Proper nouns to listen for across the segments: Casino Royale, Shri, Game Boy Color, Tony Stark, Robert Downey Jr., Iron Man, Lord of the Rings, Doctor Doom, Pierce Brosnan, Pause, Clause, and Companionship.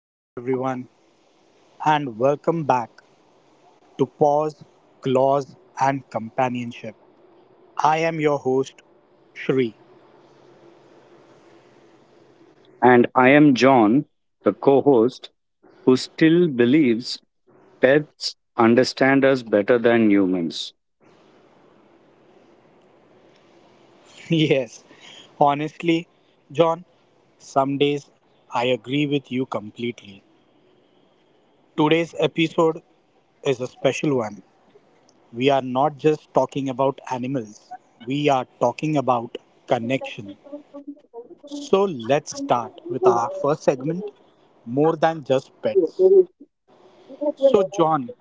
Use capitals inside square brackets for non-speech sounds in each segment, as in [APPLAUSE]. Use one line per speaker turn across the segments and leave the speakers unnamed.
Hello, everyone, and welcome back to Pause, Clause, and Companionship. I am your host, Shri.
And I am John, the co host, who still believes pets understand us better than humans
[LAUGHS] Yes, honestly, John, some days I agree with you completely. Today's episode is a special one. We are not just talking about animals, we are talking about connection. So, let's start with our first segment more than just pets. So, John,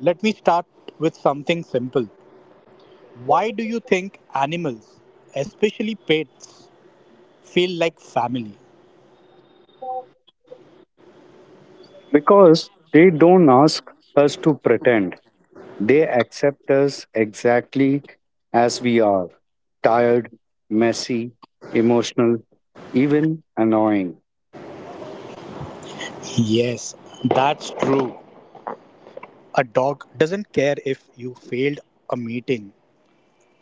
let me start with something simple. Why do you think animals, especially pets, feel like family?
because they don't ask us to pretend. They accept us exactly as we are tired, messy, emotional, even annoying.
Yes, that's true. A dog doesn't care if you failed a meeting.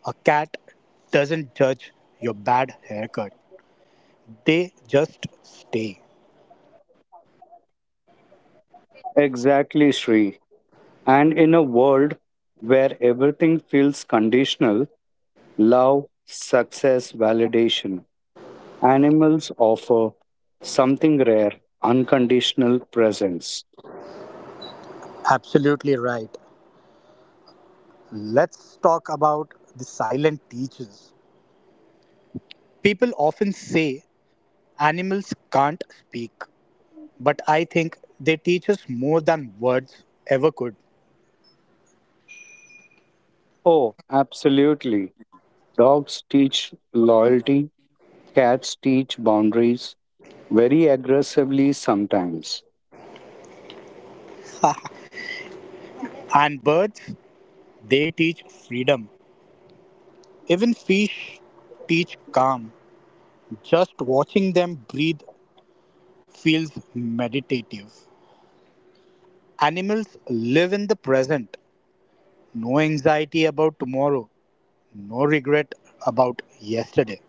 A cat doesn't judge your bad haircut. They just stay.
Exactly, Sri. And in a world where everything feels conditional, love, success, validation. Animals offer something rare unconditional presence.
Absolutely right. Let's talk about the silent teachers. People often say animals can't speak, but I think they teach us more than words ever could.
Oh, absolutely. Dogs teach loyalty, cats teach boundaries, very aggressively sometimes.
And birds, they teach freedom. Even fish teach calm. Just watching them breathe feels meditative. Animals live in the present, no anxiety about tomorrow, no regret about yesterday.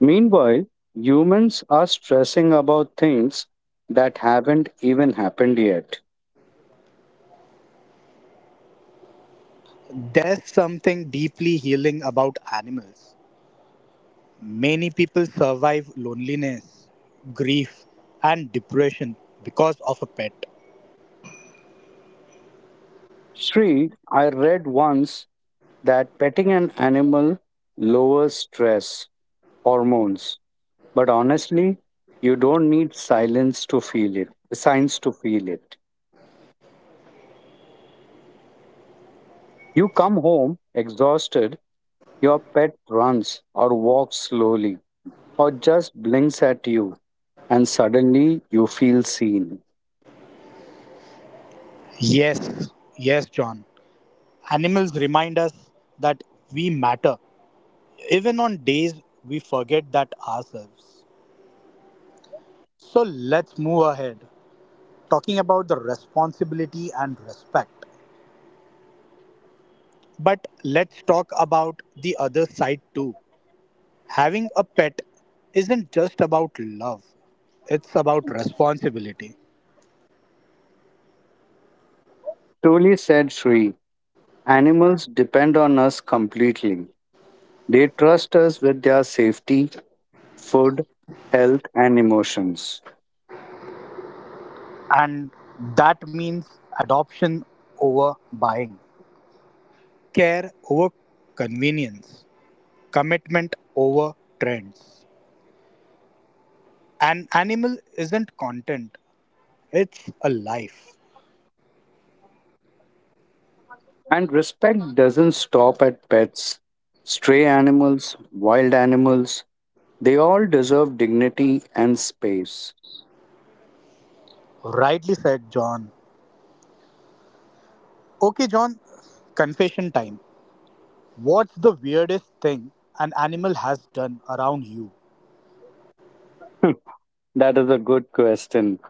Meanwhile, humans are stressing about things that haven't even happened yet.
There's something deeply healing about animals. Many people survive loneliness, grief, and depression because of a pet.
Sri, I read once that petting an animal lowers stress hormones. But honestly, you don't need silence to feel it, signs to feel it. You come home exhausted, your pet runs or walks slowly or just blinks at you, and suddenly you feel seen.
Yes, yes, John. Animals remind us that we matter, even on days we forget that ourselves. So let's move ahead, talking about the responsibility and respect. But let's talk about the other side too. Having a pet isn't just about love, it's about responsibility.
Truly said Sri, animals depend on us completely. They trust us with their safety, food, health, and emotions.
And that means adoption over buying, care over convenience, commitment over trends. An animal isn't content, it's a life.
And respect doesn't stop at pets. Stray animals, wild animals, they all deserve dignity and space.
Rightly said, John. Okay, John, confession time. What's the weirdest thing an animal has done around you?
[LAUGHS] That is a good question.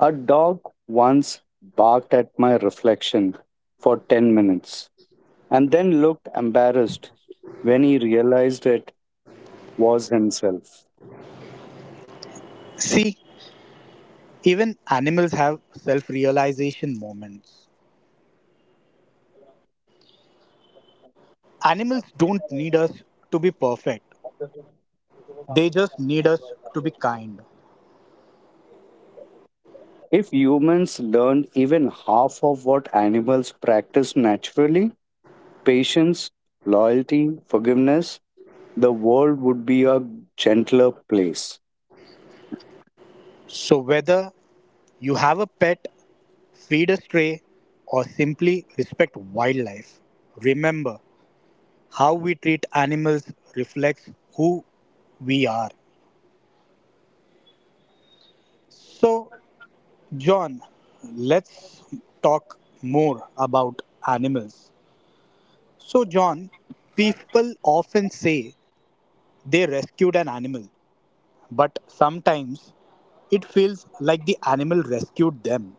A dog once barked at my reflection for 10 minutes and then looked embarrassed when he realized it was himself.
See, even animals have self realization moments. Animals don't need us to be perfect, they just need us to be kind.
If humans learned even half of what animals practice naturally patience, loyalty, forgiveness the world would be a gentler place.
So, whether you have a pet feed a stray, or simply respect wildlife. Remember, how we treat animals reflects who we are. So, John, let's talk more about animals. So, John, people often say they rescued an animal, but sometimes it feels like the animal rescued them.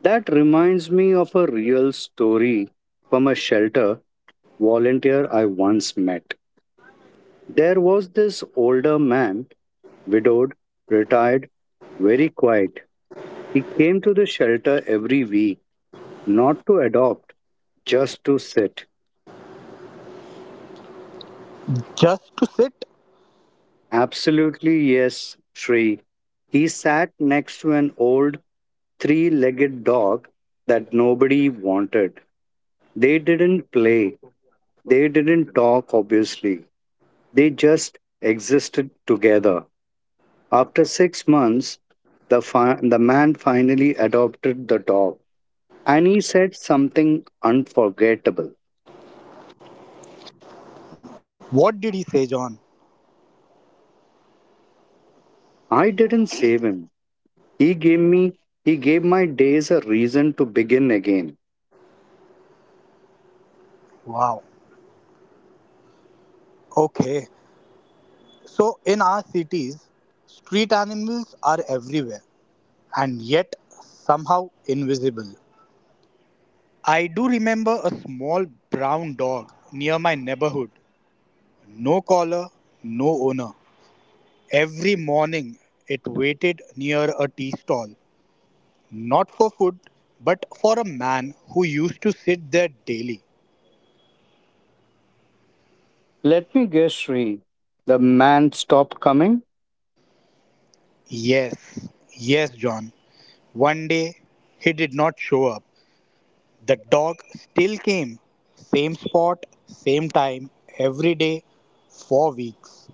That reminds me of a real story from a shelter volunteer I once met. There was this older man, widowed, retired, very quiet. He came to the shelter every week, not to adopt, just to sit.
Just to sit?
Absolutely yes, Shri. He sat next to an old three legged dog that nobody wanted. They didn't play, they didn't talk, obviously. They just existed together. After 6 months, the man finally adopted the dog and he said something unforgettable.
What did he say, John?
I didn't save him. He gave me, he gave my days a reason to begin again.
Wow. Okay. So, in our cities, street animals are everywhere and yet somehow invisible. I do remember a small brown dog near my neighborhood. No collar, no owner. Every morning it waited near a tea stall, not for food, but for a man who used to sit there daily.
Let me guess, Sri. The man stopped coming?
Yes, yes, John. One day he did not show up. The dog still came, same spot, same time, every day, for weeks.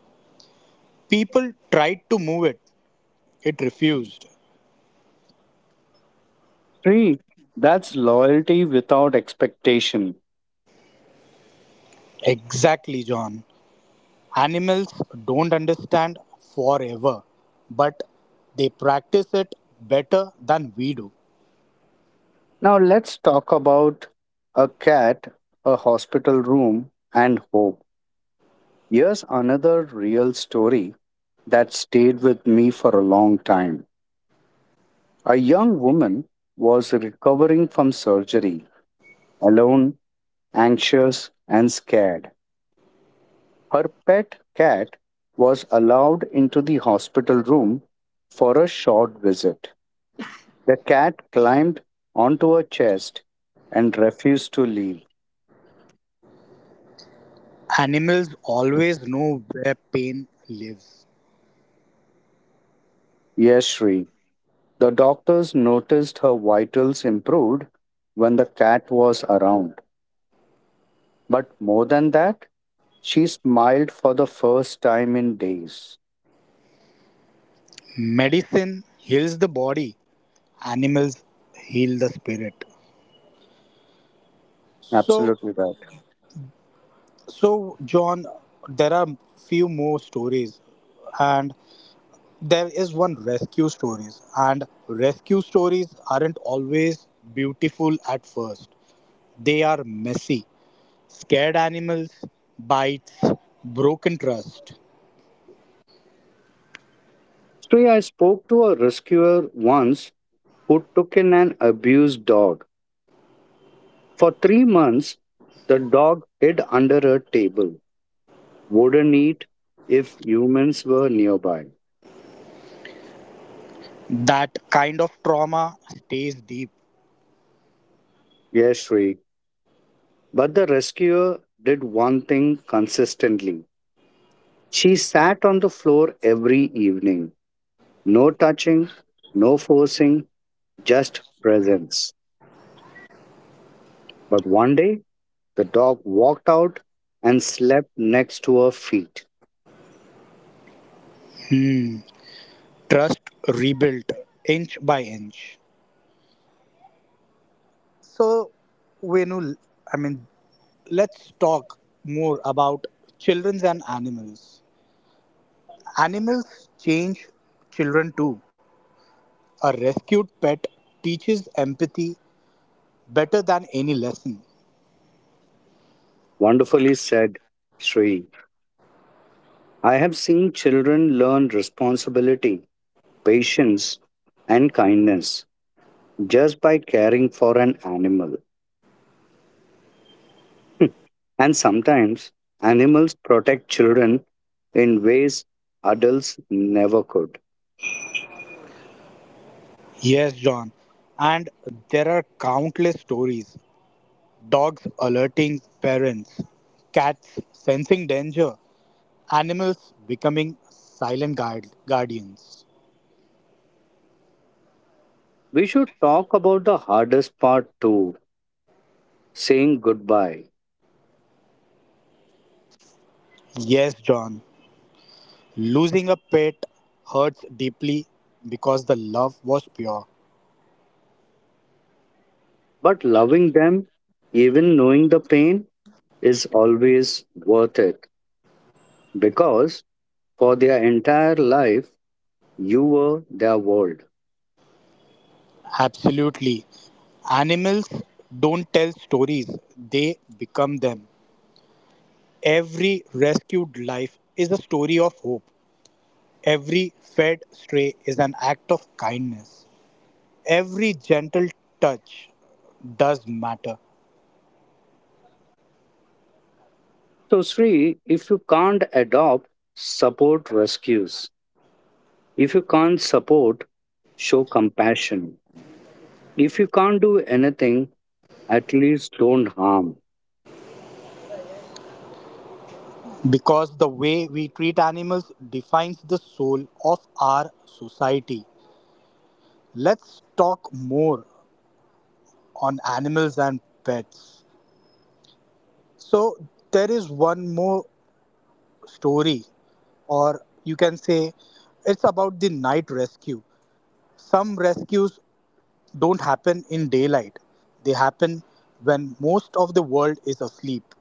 People tried to move it, it refused.
Sri, that's loyalty without expectation.
Exactly, John. Animals don't understand forever, but they practice it better than we do.
Now let's talk about a cat, a hospital room, and hope. Here's another real story that stayed with me for a long time. A young woman was recovering from surgery, alone, anxious, and scared. Her pet cat was allowed into the hospital room for a short visit. The cat climbed onto her chest and refused to leave.
Animals always know where pain lives.
Yes, Sri. The doctors noticed her vitals improved when the cat was around. But more than that, she smiled for the first time in days.
Medicine heals the body, animals heal the spirit. So,
Absolutely right.
so, John, there are few more stories, and there is one rescue stories, and rescue stories aren't always beautiful at first. They are messy, scared animals, bites, broken trust.
Sri, I spoke to a rescuer once who took in an abused dog. For 3 months, the dog hid under a table, wouldn't eat if humans were nearby.
That kind of trauma stays deep.
Yes, Sri. But the rescuer did one thing consistently. She sat on the floor every evening. No touching, no forcing, just presence. But one day, the dog walked out and slept next to her feet.
Hmm. Trust rebuilt inch by inch. So, Venu, I mean, let's talk more about children and animals. Animals change children too. A rescued pet teaches empathy better than any lesson.
Wonderfully said, Sri. I have seen children learn responsibility, patience, and kindness just by caring for an animal. [LAUGHS] And sometimes, animals protect children in ways adults never could.
Yes, John. And there are countless stories dogs alerting parents, cats sensing danger, animals becoming silent guardians.
We should talk about the hardest part too saying goodbye.
Yes, John. Losing a pet hurts deeply because the love was pure.
But loving them, even knowing the pain, is always worth it because for their entire life, you were their world.
Absolutely. Animals don't tell stories, they become them. Every rescued life is a story of hope. Every fed stray is an act of kindness. Every gentle touch does matter
So, Sri, if you can't adopt, support rescues. If you can't support, show compassion. If you can't do anything, at least don't harm.
because the way we treat animals defines the soul of our society. Let's talk more on animals and pets. So, there is one more story or you can say it's about the night rescue some rescues don't happen in daylight they happen when most of the world is asleep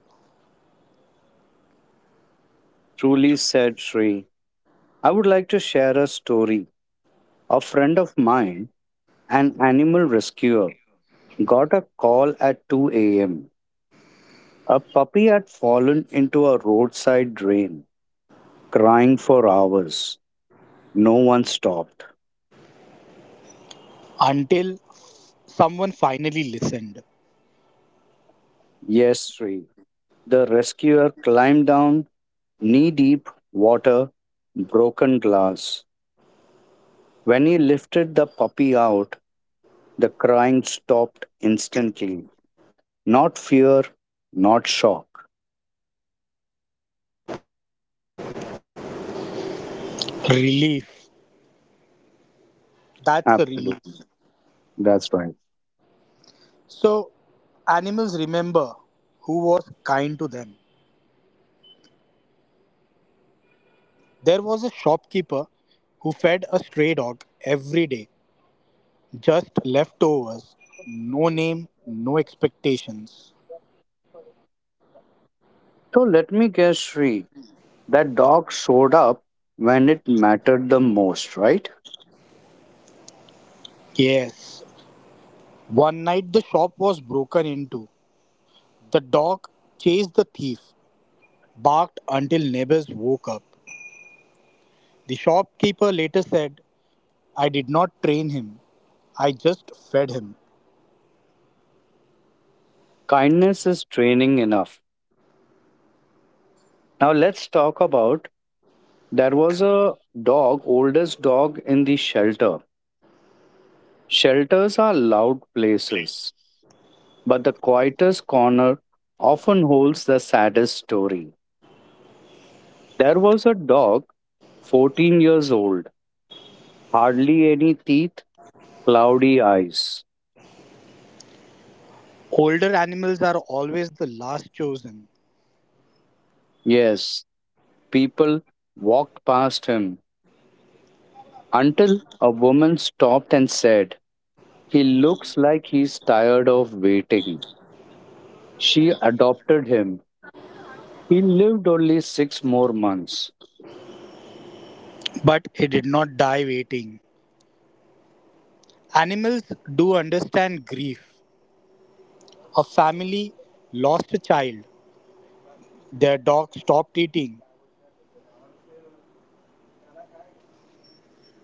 Truly said Sri. I would like to share a story. A friend of mine, an animal rescuer, got a call at 2 a.m. A puppy had fallen into a roadside drain, crying for hours. No one stopped.
until someone finally listened.
Yes, Sri. The rescuer climbed down, knee deep, water, broken glass. When he lifted the puppy out, the crying stopped instantly. Not fear, not shock.
Relief. That's a relief.
Absolutely. That's right.
So, animals remember who was kind to them. There was a shopkeeper who fed a stray dog every day, just leftovers, no name, no expectations.
So let me guess, Sri. That dog showed up when it mattered the most, right?
Yes, one night the shop was broken into. The dog chased the thief, barked until neighbors woke up. The shopkeeper later said, I did not train him, I just fed him.
Kindness is training enough. Now let's talk about there was a dog, oldest dog in the shelter. Shelters are loud places, but the quietest corner often holds the saddest story. There was a dog, 14 years old, hardly any teeth, cloudy eyes.
Older animals are always the last chosen,
Yes, people walked past him. Until a woman stopped and said, He looks like he's tired of waiting. She adopted him. He lived only six more months.
but he did not die waiting. Animals do understand grief. A family lost a child. Their dog stopped eating.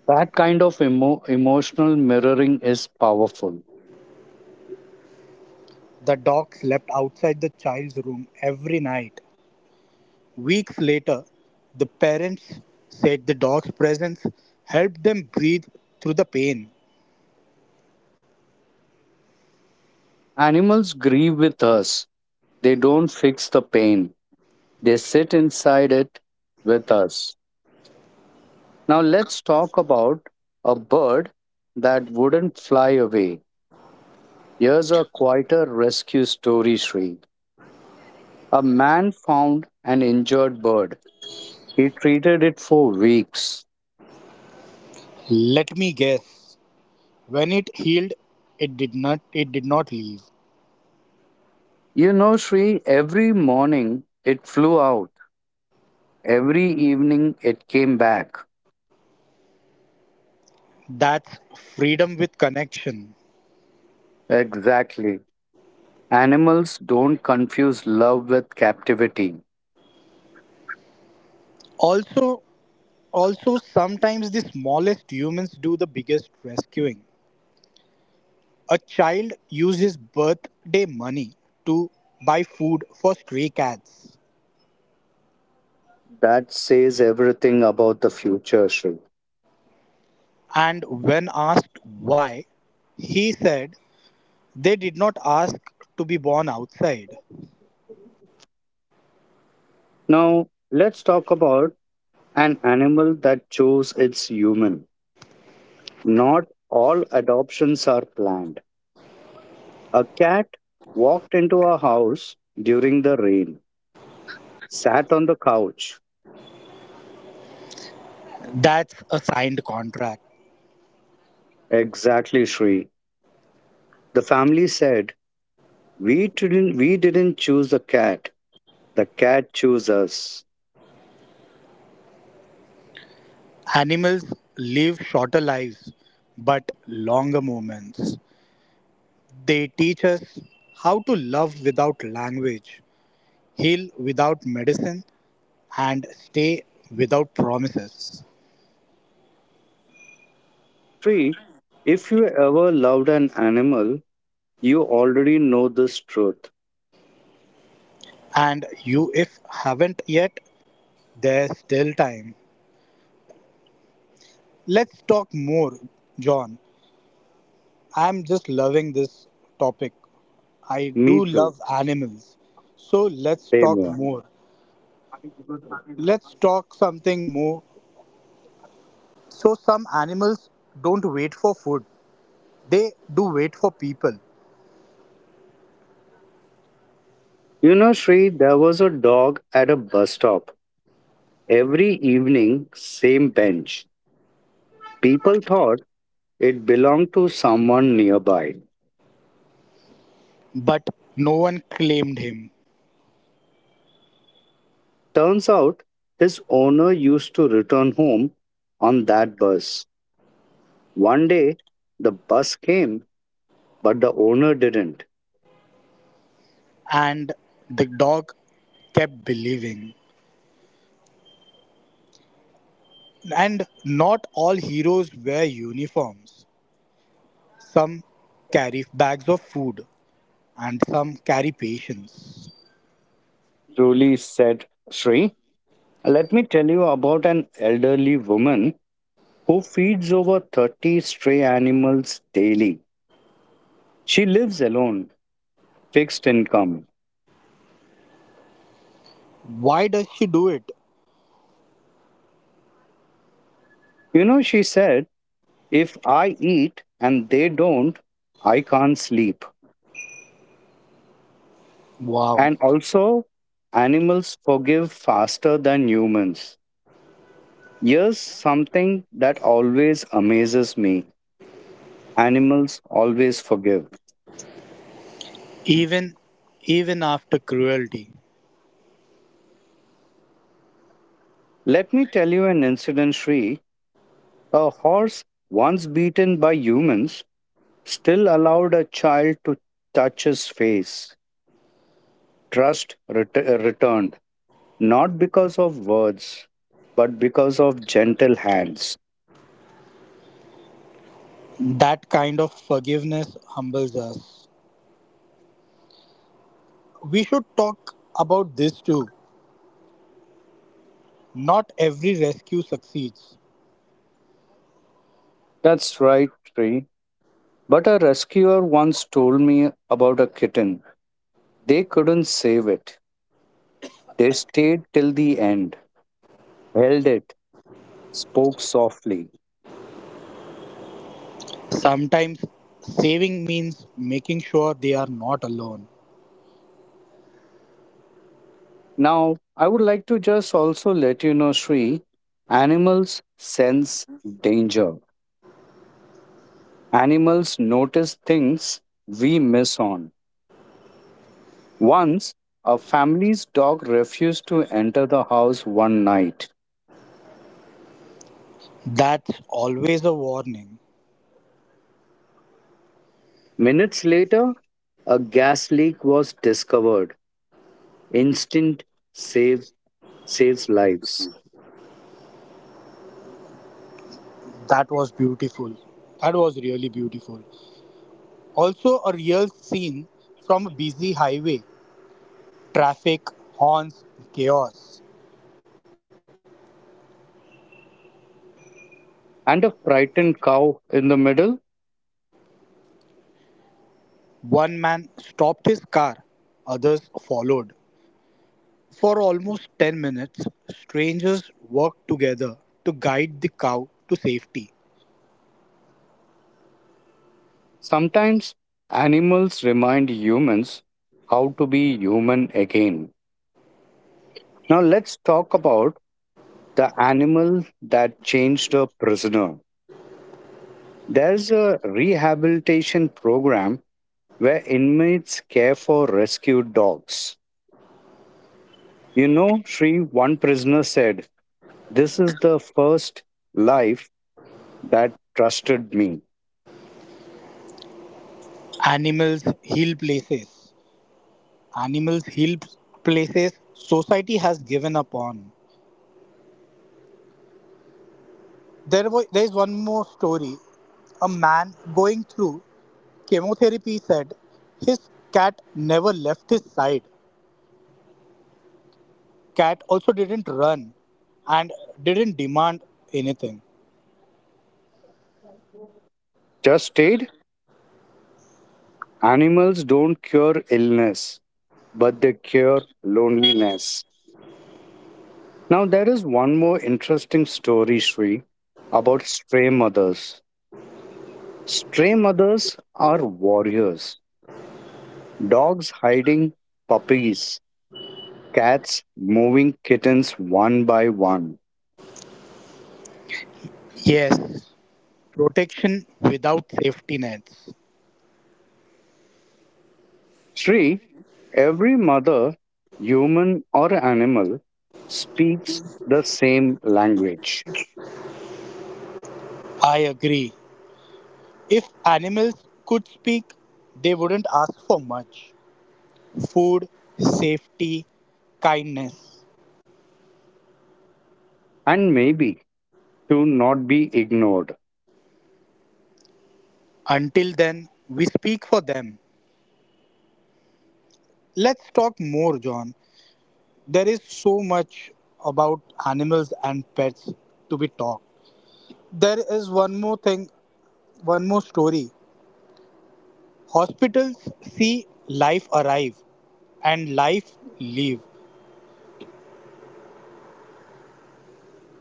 That kind of emotional mirroring is powerful.
The dog slept outside the child's room every night. Weeks later, the parents said the dog's presence helped them breathe through the pain.
Animals grieve with us, they don't fix the pain, they sit inside it with us. Now, let's talk about a bird that wouldn't fly away. Here's a quieter rescue story, Sri. A man found an injured bird. He treated it for weeks.
Let me guess. When it healed, it did not leave.
You know, Sri, every morning it flew out, every evening it came back.
That's freedom with connection.
Exactly. Animals don't confuse love with captivity.
Also, also sometimes the smallest humans do the biggest rescuing. A child uses birthday money to buy food for stray cats,
That says everything about the future, Sri.
and when asked why, he said they did not ask to be born outside.
Now, let's talk about an animal that chose its human. Not all adoptions are planned. A cat walked into our house during the rain, sat on the couch.
That's a signed contract.
Exactly, Shri. The family said, We didn't choose the cat chose us.
Animals live shorter lives but longer moments. They teach us how to love without language, heal without medicine, and stay without promises.
Shri, if you ever loved an animal, you already know this truth.
And you, if haven't yet, there's still time. Let's talk more, John. I'm just loving this topic. I
Me
do
too.
love animals. So let's
Same
talk
here.
more. Let's talk something more. So, some animals don't wait for food, they do wait for people.
You know, Shri, there was a dog at a bus stop. Every evening, same bench. People thought it belonged to someone nearby.
But no one claimed him,
Turns out his owner used to return home on that bus. One day, the bus came, but the owner didn't.
and the dog kept believing. And not all heroes wear uniforms. Some carry bags of food, and some carry patience.
Julie said, Sri, let me tell you about an elderly woman who feeds over 30 stray animals daily. She lives alone, fixed income.
Why does she do it?
You know, she said, if I eat and they don't, I can't sleep.
Wow.
And also, animals forgive faster than humans. Here's something that always amazes me animals always forgive.
Even even after cruelty,
Let me tell you an incident, Sri. A horse, once beaten by humans, still allowed a child to touch his face. Trust returned, not because of words, but because of gentle hands.
that kind of forgiveness humbles us. We should talk about this too. Not every rescue succeeds.
That's right, Sri. But a rescuer once told me about a kitten. They couldn't save it. They stayed till the end, held it, spoke softly.
Sometimes saving means making sure they are not alone.
Now, I would like to just also let you know, Sri, animals sense danger. Animals notice things we miss on. Once, a family's dog refused to enter the house one night.
That's always a warning.
Minutes later, a gas leak was discovered. Instinct saves saves lives.
That was beautiful. That was really beautiful. Also, a real scene from a busy highway. Traffic, horns, chaos.
And a frightened cow in the middle.
One man stopped his car, others followed. For almost 10 minutes, strangers worked together to guide the cow to safety.
Sometimes animals remind humans how to be human again. Now, let's talk about the animal that changed a prisoner. There's a rehabilitation program where inmates care for rescued dogs. You know, Sri, one prisoner said, This is the first life that trusted me.
Animals heal places. Animals heal places society has given up on. There is one more story. A man going through chemotherapy said his cat never left his side. Cat also didn't run and didn't demand anything.
Just stated, animals don't cure illness, but they cure loneliness. Now, there is one more interesting story, Sri, about stray mothers. Stray mothers are warriors. Dogs hiding puppies, cats moving kittens one by one.
Yes, protection without safety nets.
Sri, every mother, human or animal, speaks the same language
I agree. If animals could speak, they wouldn't ask for much food, safety, kindness.
and maybe to not be ignored.
Until then, we speak for them. Let's talk more, John. There is so much about animals and pets to be talked. There is one more thing, one more story. Hospitals see life arrive and life leave.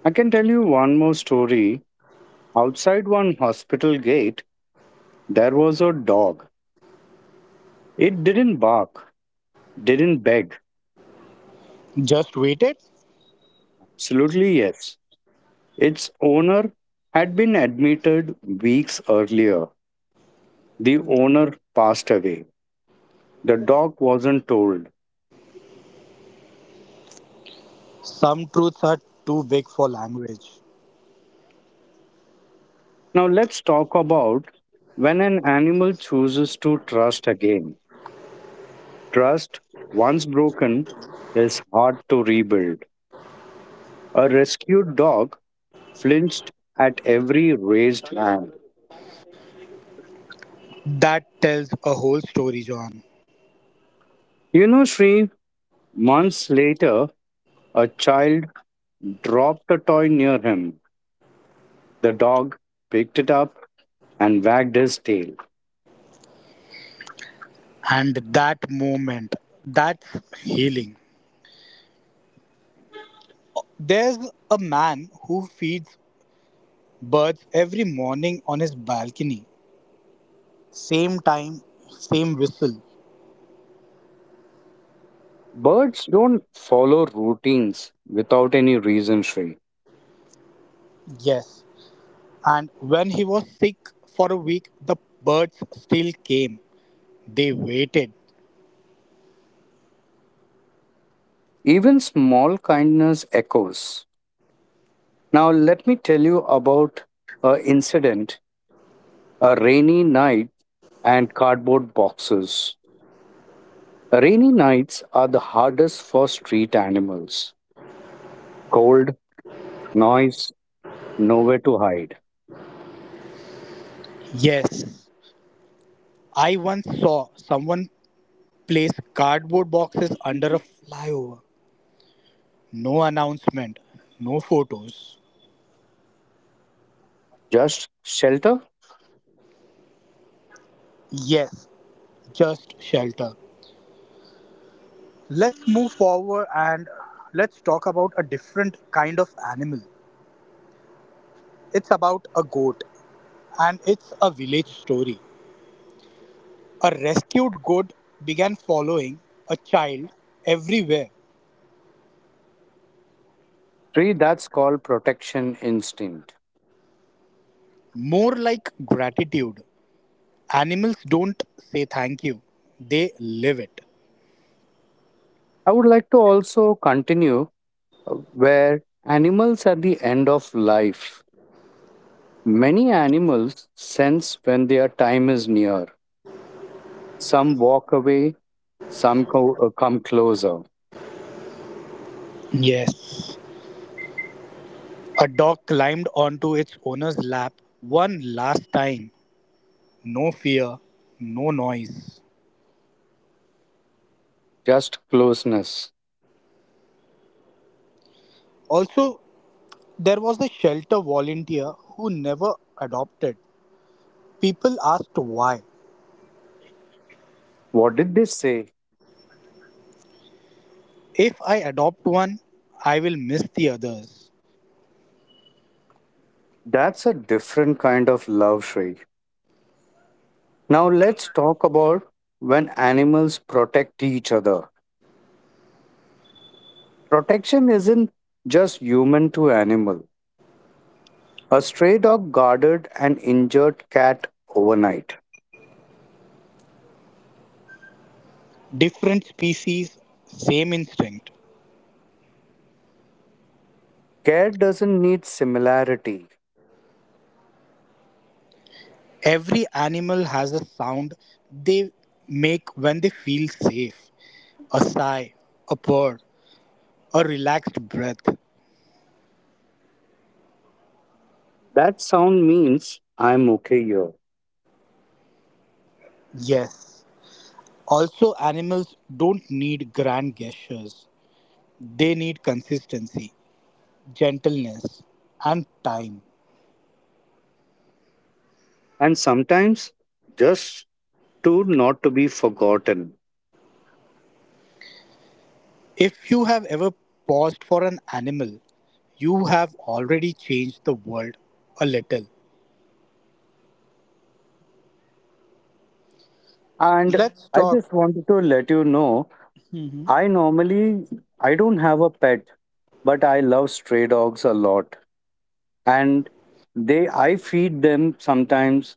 I can tell you one more story. Outside one hospital gate, there was a dog. It didn't bark, didn't beg.
Just wait it.
Absolutely, yes. Its owner had been admitted weeks earlier. The owner passed away. The dog wasn't told.
Some truths are too big for language.
Now, let's talk about when an animal chooses to trust again. Trust, once broken, is hard to rebuild. A rescued dog flinched at every raised hand.
That tells a whole story, John.
You know, Sri, months later, a child dropped a toy near him. The dog picked it up and wagged his tail.
And that moment, that's healing. There's a man who feeds birds every morning on his balcony. Same time, same whistle.
Birds don't follow routines without any reason, Shri.
Yes, and when he was sick for a week, the birds still came. They waited.
Even small kindness echoes. Now, let me tell you about a incident, a rainy night and cardboard boxes. Rainy nights are the hardest for street animals. Cold, noise, nowhere to hide.
Yes, I once saw someone place cardboard boxes under a flyover. No announcement, no photos.
Just shelter?
Yes, just shelter. Let's move forward and let's talk about a different kind of animal. It's about a goat and it's a village story. A rescued goat began following a child everywhere.
Three, that's called protection instinct.
More like gratitude. Animals don't say thank you, they live it.
I would like to also continue, uh, where animals at the end of life. Many animals sense when their time is near. Some walk away, some come closer.
Yes. A dog climbed onto its owner's lap one last time. No fear, no noise.
Just closeness.
Also, there was a shelter volunteer who never adopted. People asked why.
What did they say?
If I adopt one, I will miss the others.
That's a different kind of love, Shrey. Now let's talk about when animals protect each other. Protection isn't just human to animal. A stray dog guarded an injured cat overnight.
Different species, same instinct.
Care doesn't need similarity.
Every animal has a sound they make when they feel safe a sigh, a purr, a relaxed breath.
That sound means I'm okay here.
Yes. Also, animals don't need grand gestures, they need consistency, gentleness, and time.
And sometimes just to not to be forgotten.
If you have ever paused for an animal, you have already changed the world a little.
And
Let's
I
talk.
just wanted to let you know I normally I don't have a pet, but I love stray dogs a lot. And they I feed them sometimes,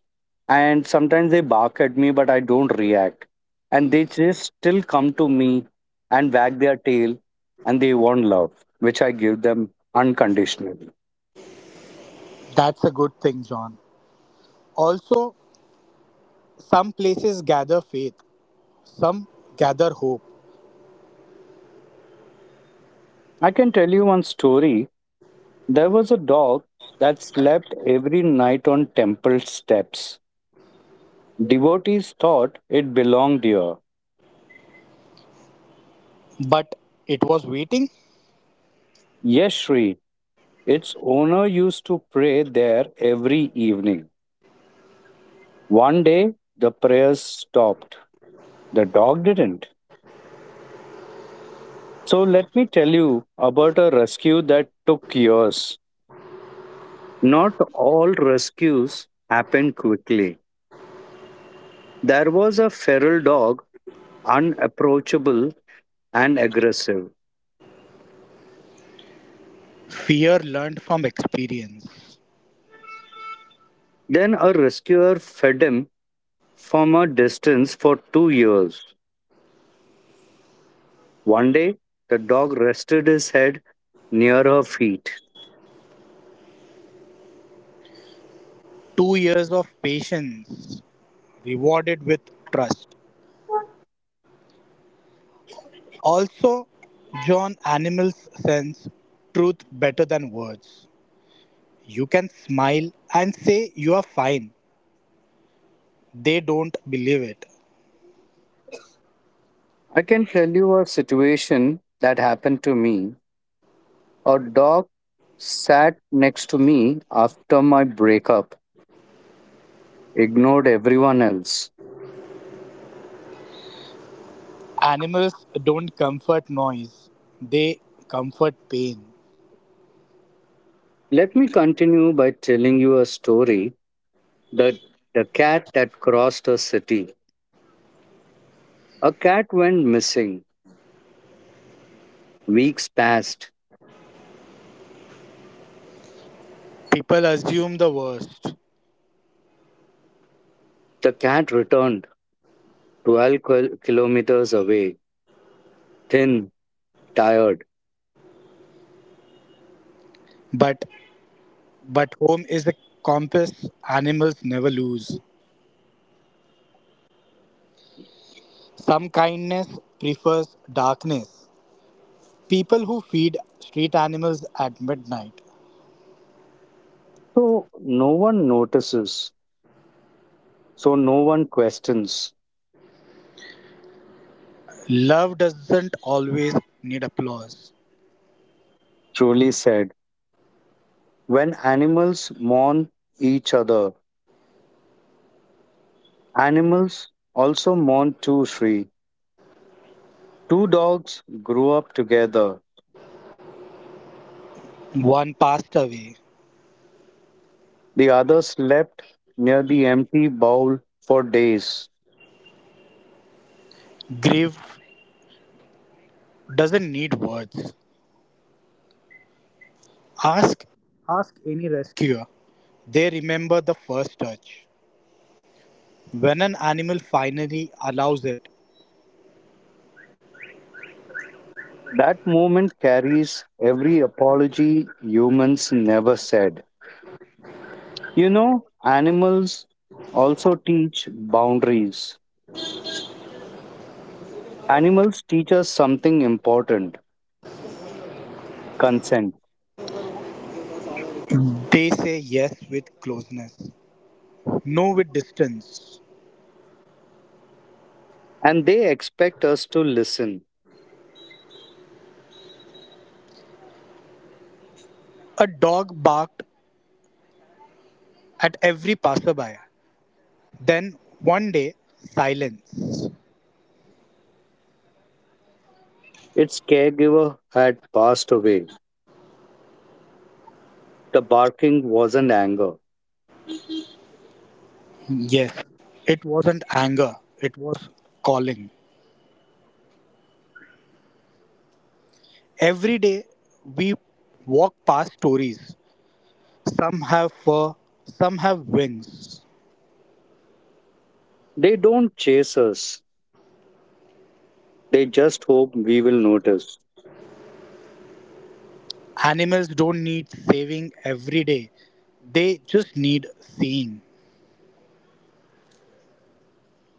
and sometimes they bark at me but I don't react, and they just still come to me and wag their tail and they want love which I give them unconditionally.
That's a good thing, John. Also, some places gather faith, some gather hope.
I can tell you one story. There was a dog that slept every night on temple steps. Devotees thought it belonged here.
But it was waiting.
Yes, Shri. Its owner used to pray there every evening. One day, the prayers stopped. The dog didn't. So, let me tell you about a rescue that took years. Not all rescues happen quickly. There was a feral dog, unapproachable and aggressive.
Fear learned from experience.
Then, a rescuer fed him from a distance for 2 years. One day, the dog rested his head near her feet.
2 years of patience rewarded with trust. Also, John animals sense truth better than words. You can smile and say you are fine. They don't believe it.
I can tell you a situation that happened to me. A dog sat next to me after my breakup, ignored everyone else.
Animals don't comfort noise, they comfort pain.
Let me continue by telling you a story that the cat that crossed a city. A cat went missing. Weeks passed.
People assume the worst,
The cat returned 12 kilometers away, thin, tired.
but But home is a compass animals never lose. Some kindness prefers darkness. People who feed street animals at midnight.
So no one notices. So no one questions,
Love doesn't always need applause.
Julie said. When animals mourn each other. Animals also mourn too, Shri. Two dogs grew up together.
One passed away.
The other slept near the empty bowl for days.
Grief doesn't need words. Ask ask any rescuer. They remember the first touch. When an animal finally allows it,
That moment carries every apology humans never said. You know, animals also teach boundaries. Animals teach us something important consent.
they say yes with closeness, no with distance.
And they expect us to listen.
A dog barked at every passerby. Then one day, silence.
Its caregiver had passed away. The barking wasn't anger.
Yes, it wasn't anger, it was calling. Every day, we walk past stories. Some have fur, some have wings.
They don't chase us, they just hope we will notice.
Animals don't need saving every day, they just need seeing.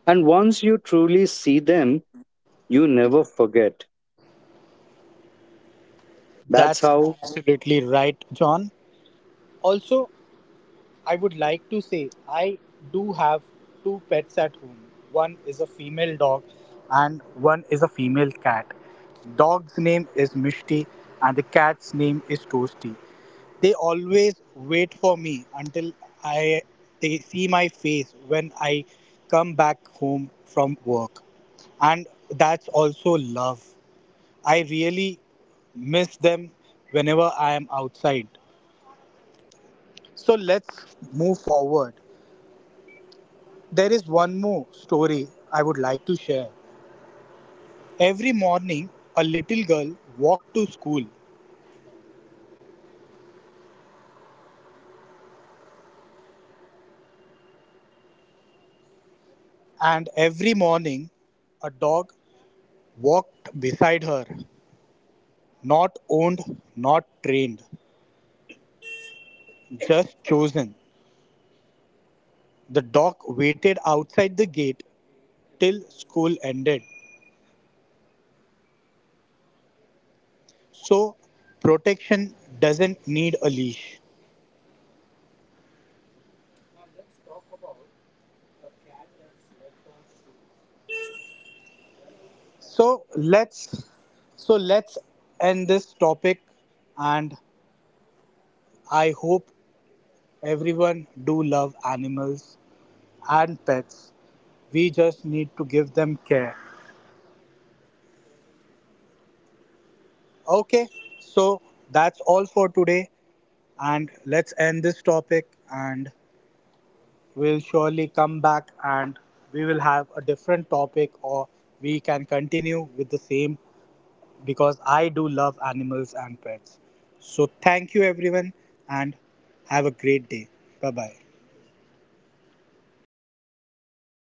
And once you truly see them, you never forget. That's
That's
how
absolutely right, John. Also, I would like to say I do have two pets at home. One is a female dog and one is a female cat. Dog's name is Mishti and the cat's name is Toasty. They always wait for me until I they see my face when I come back home from work. And that's also love. I really miss them whenever I am outside. So let's move forward. There is one more story I would like to share. Every morning, a little girl walked to school, and every morning, a dog walked beside her. Not owned, not trained, just chosen. The dog waited outside the gate till school ended. So, protection doesn't need a leash. So, let's so let's end this topic and I hope everyone do love animals and pets. We just need to give them care. Okay, so that's all for today and let's end this topic and we'll surely come back and we will have a different topic or we can continue with the same because I do love animals and pets. So thank you everyone and have a great day. Bye bye.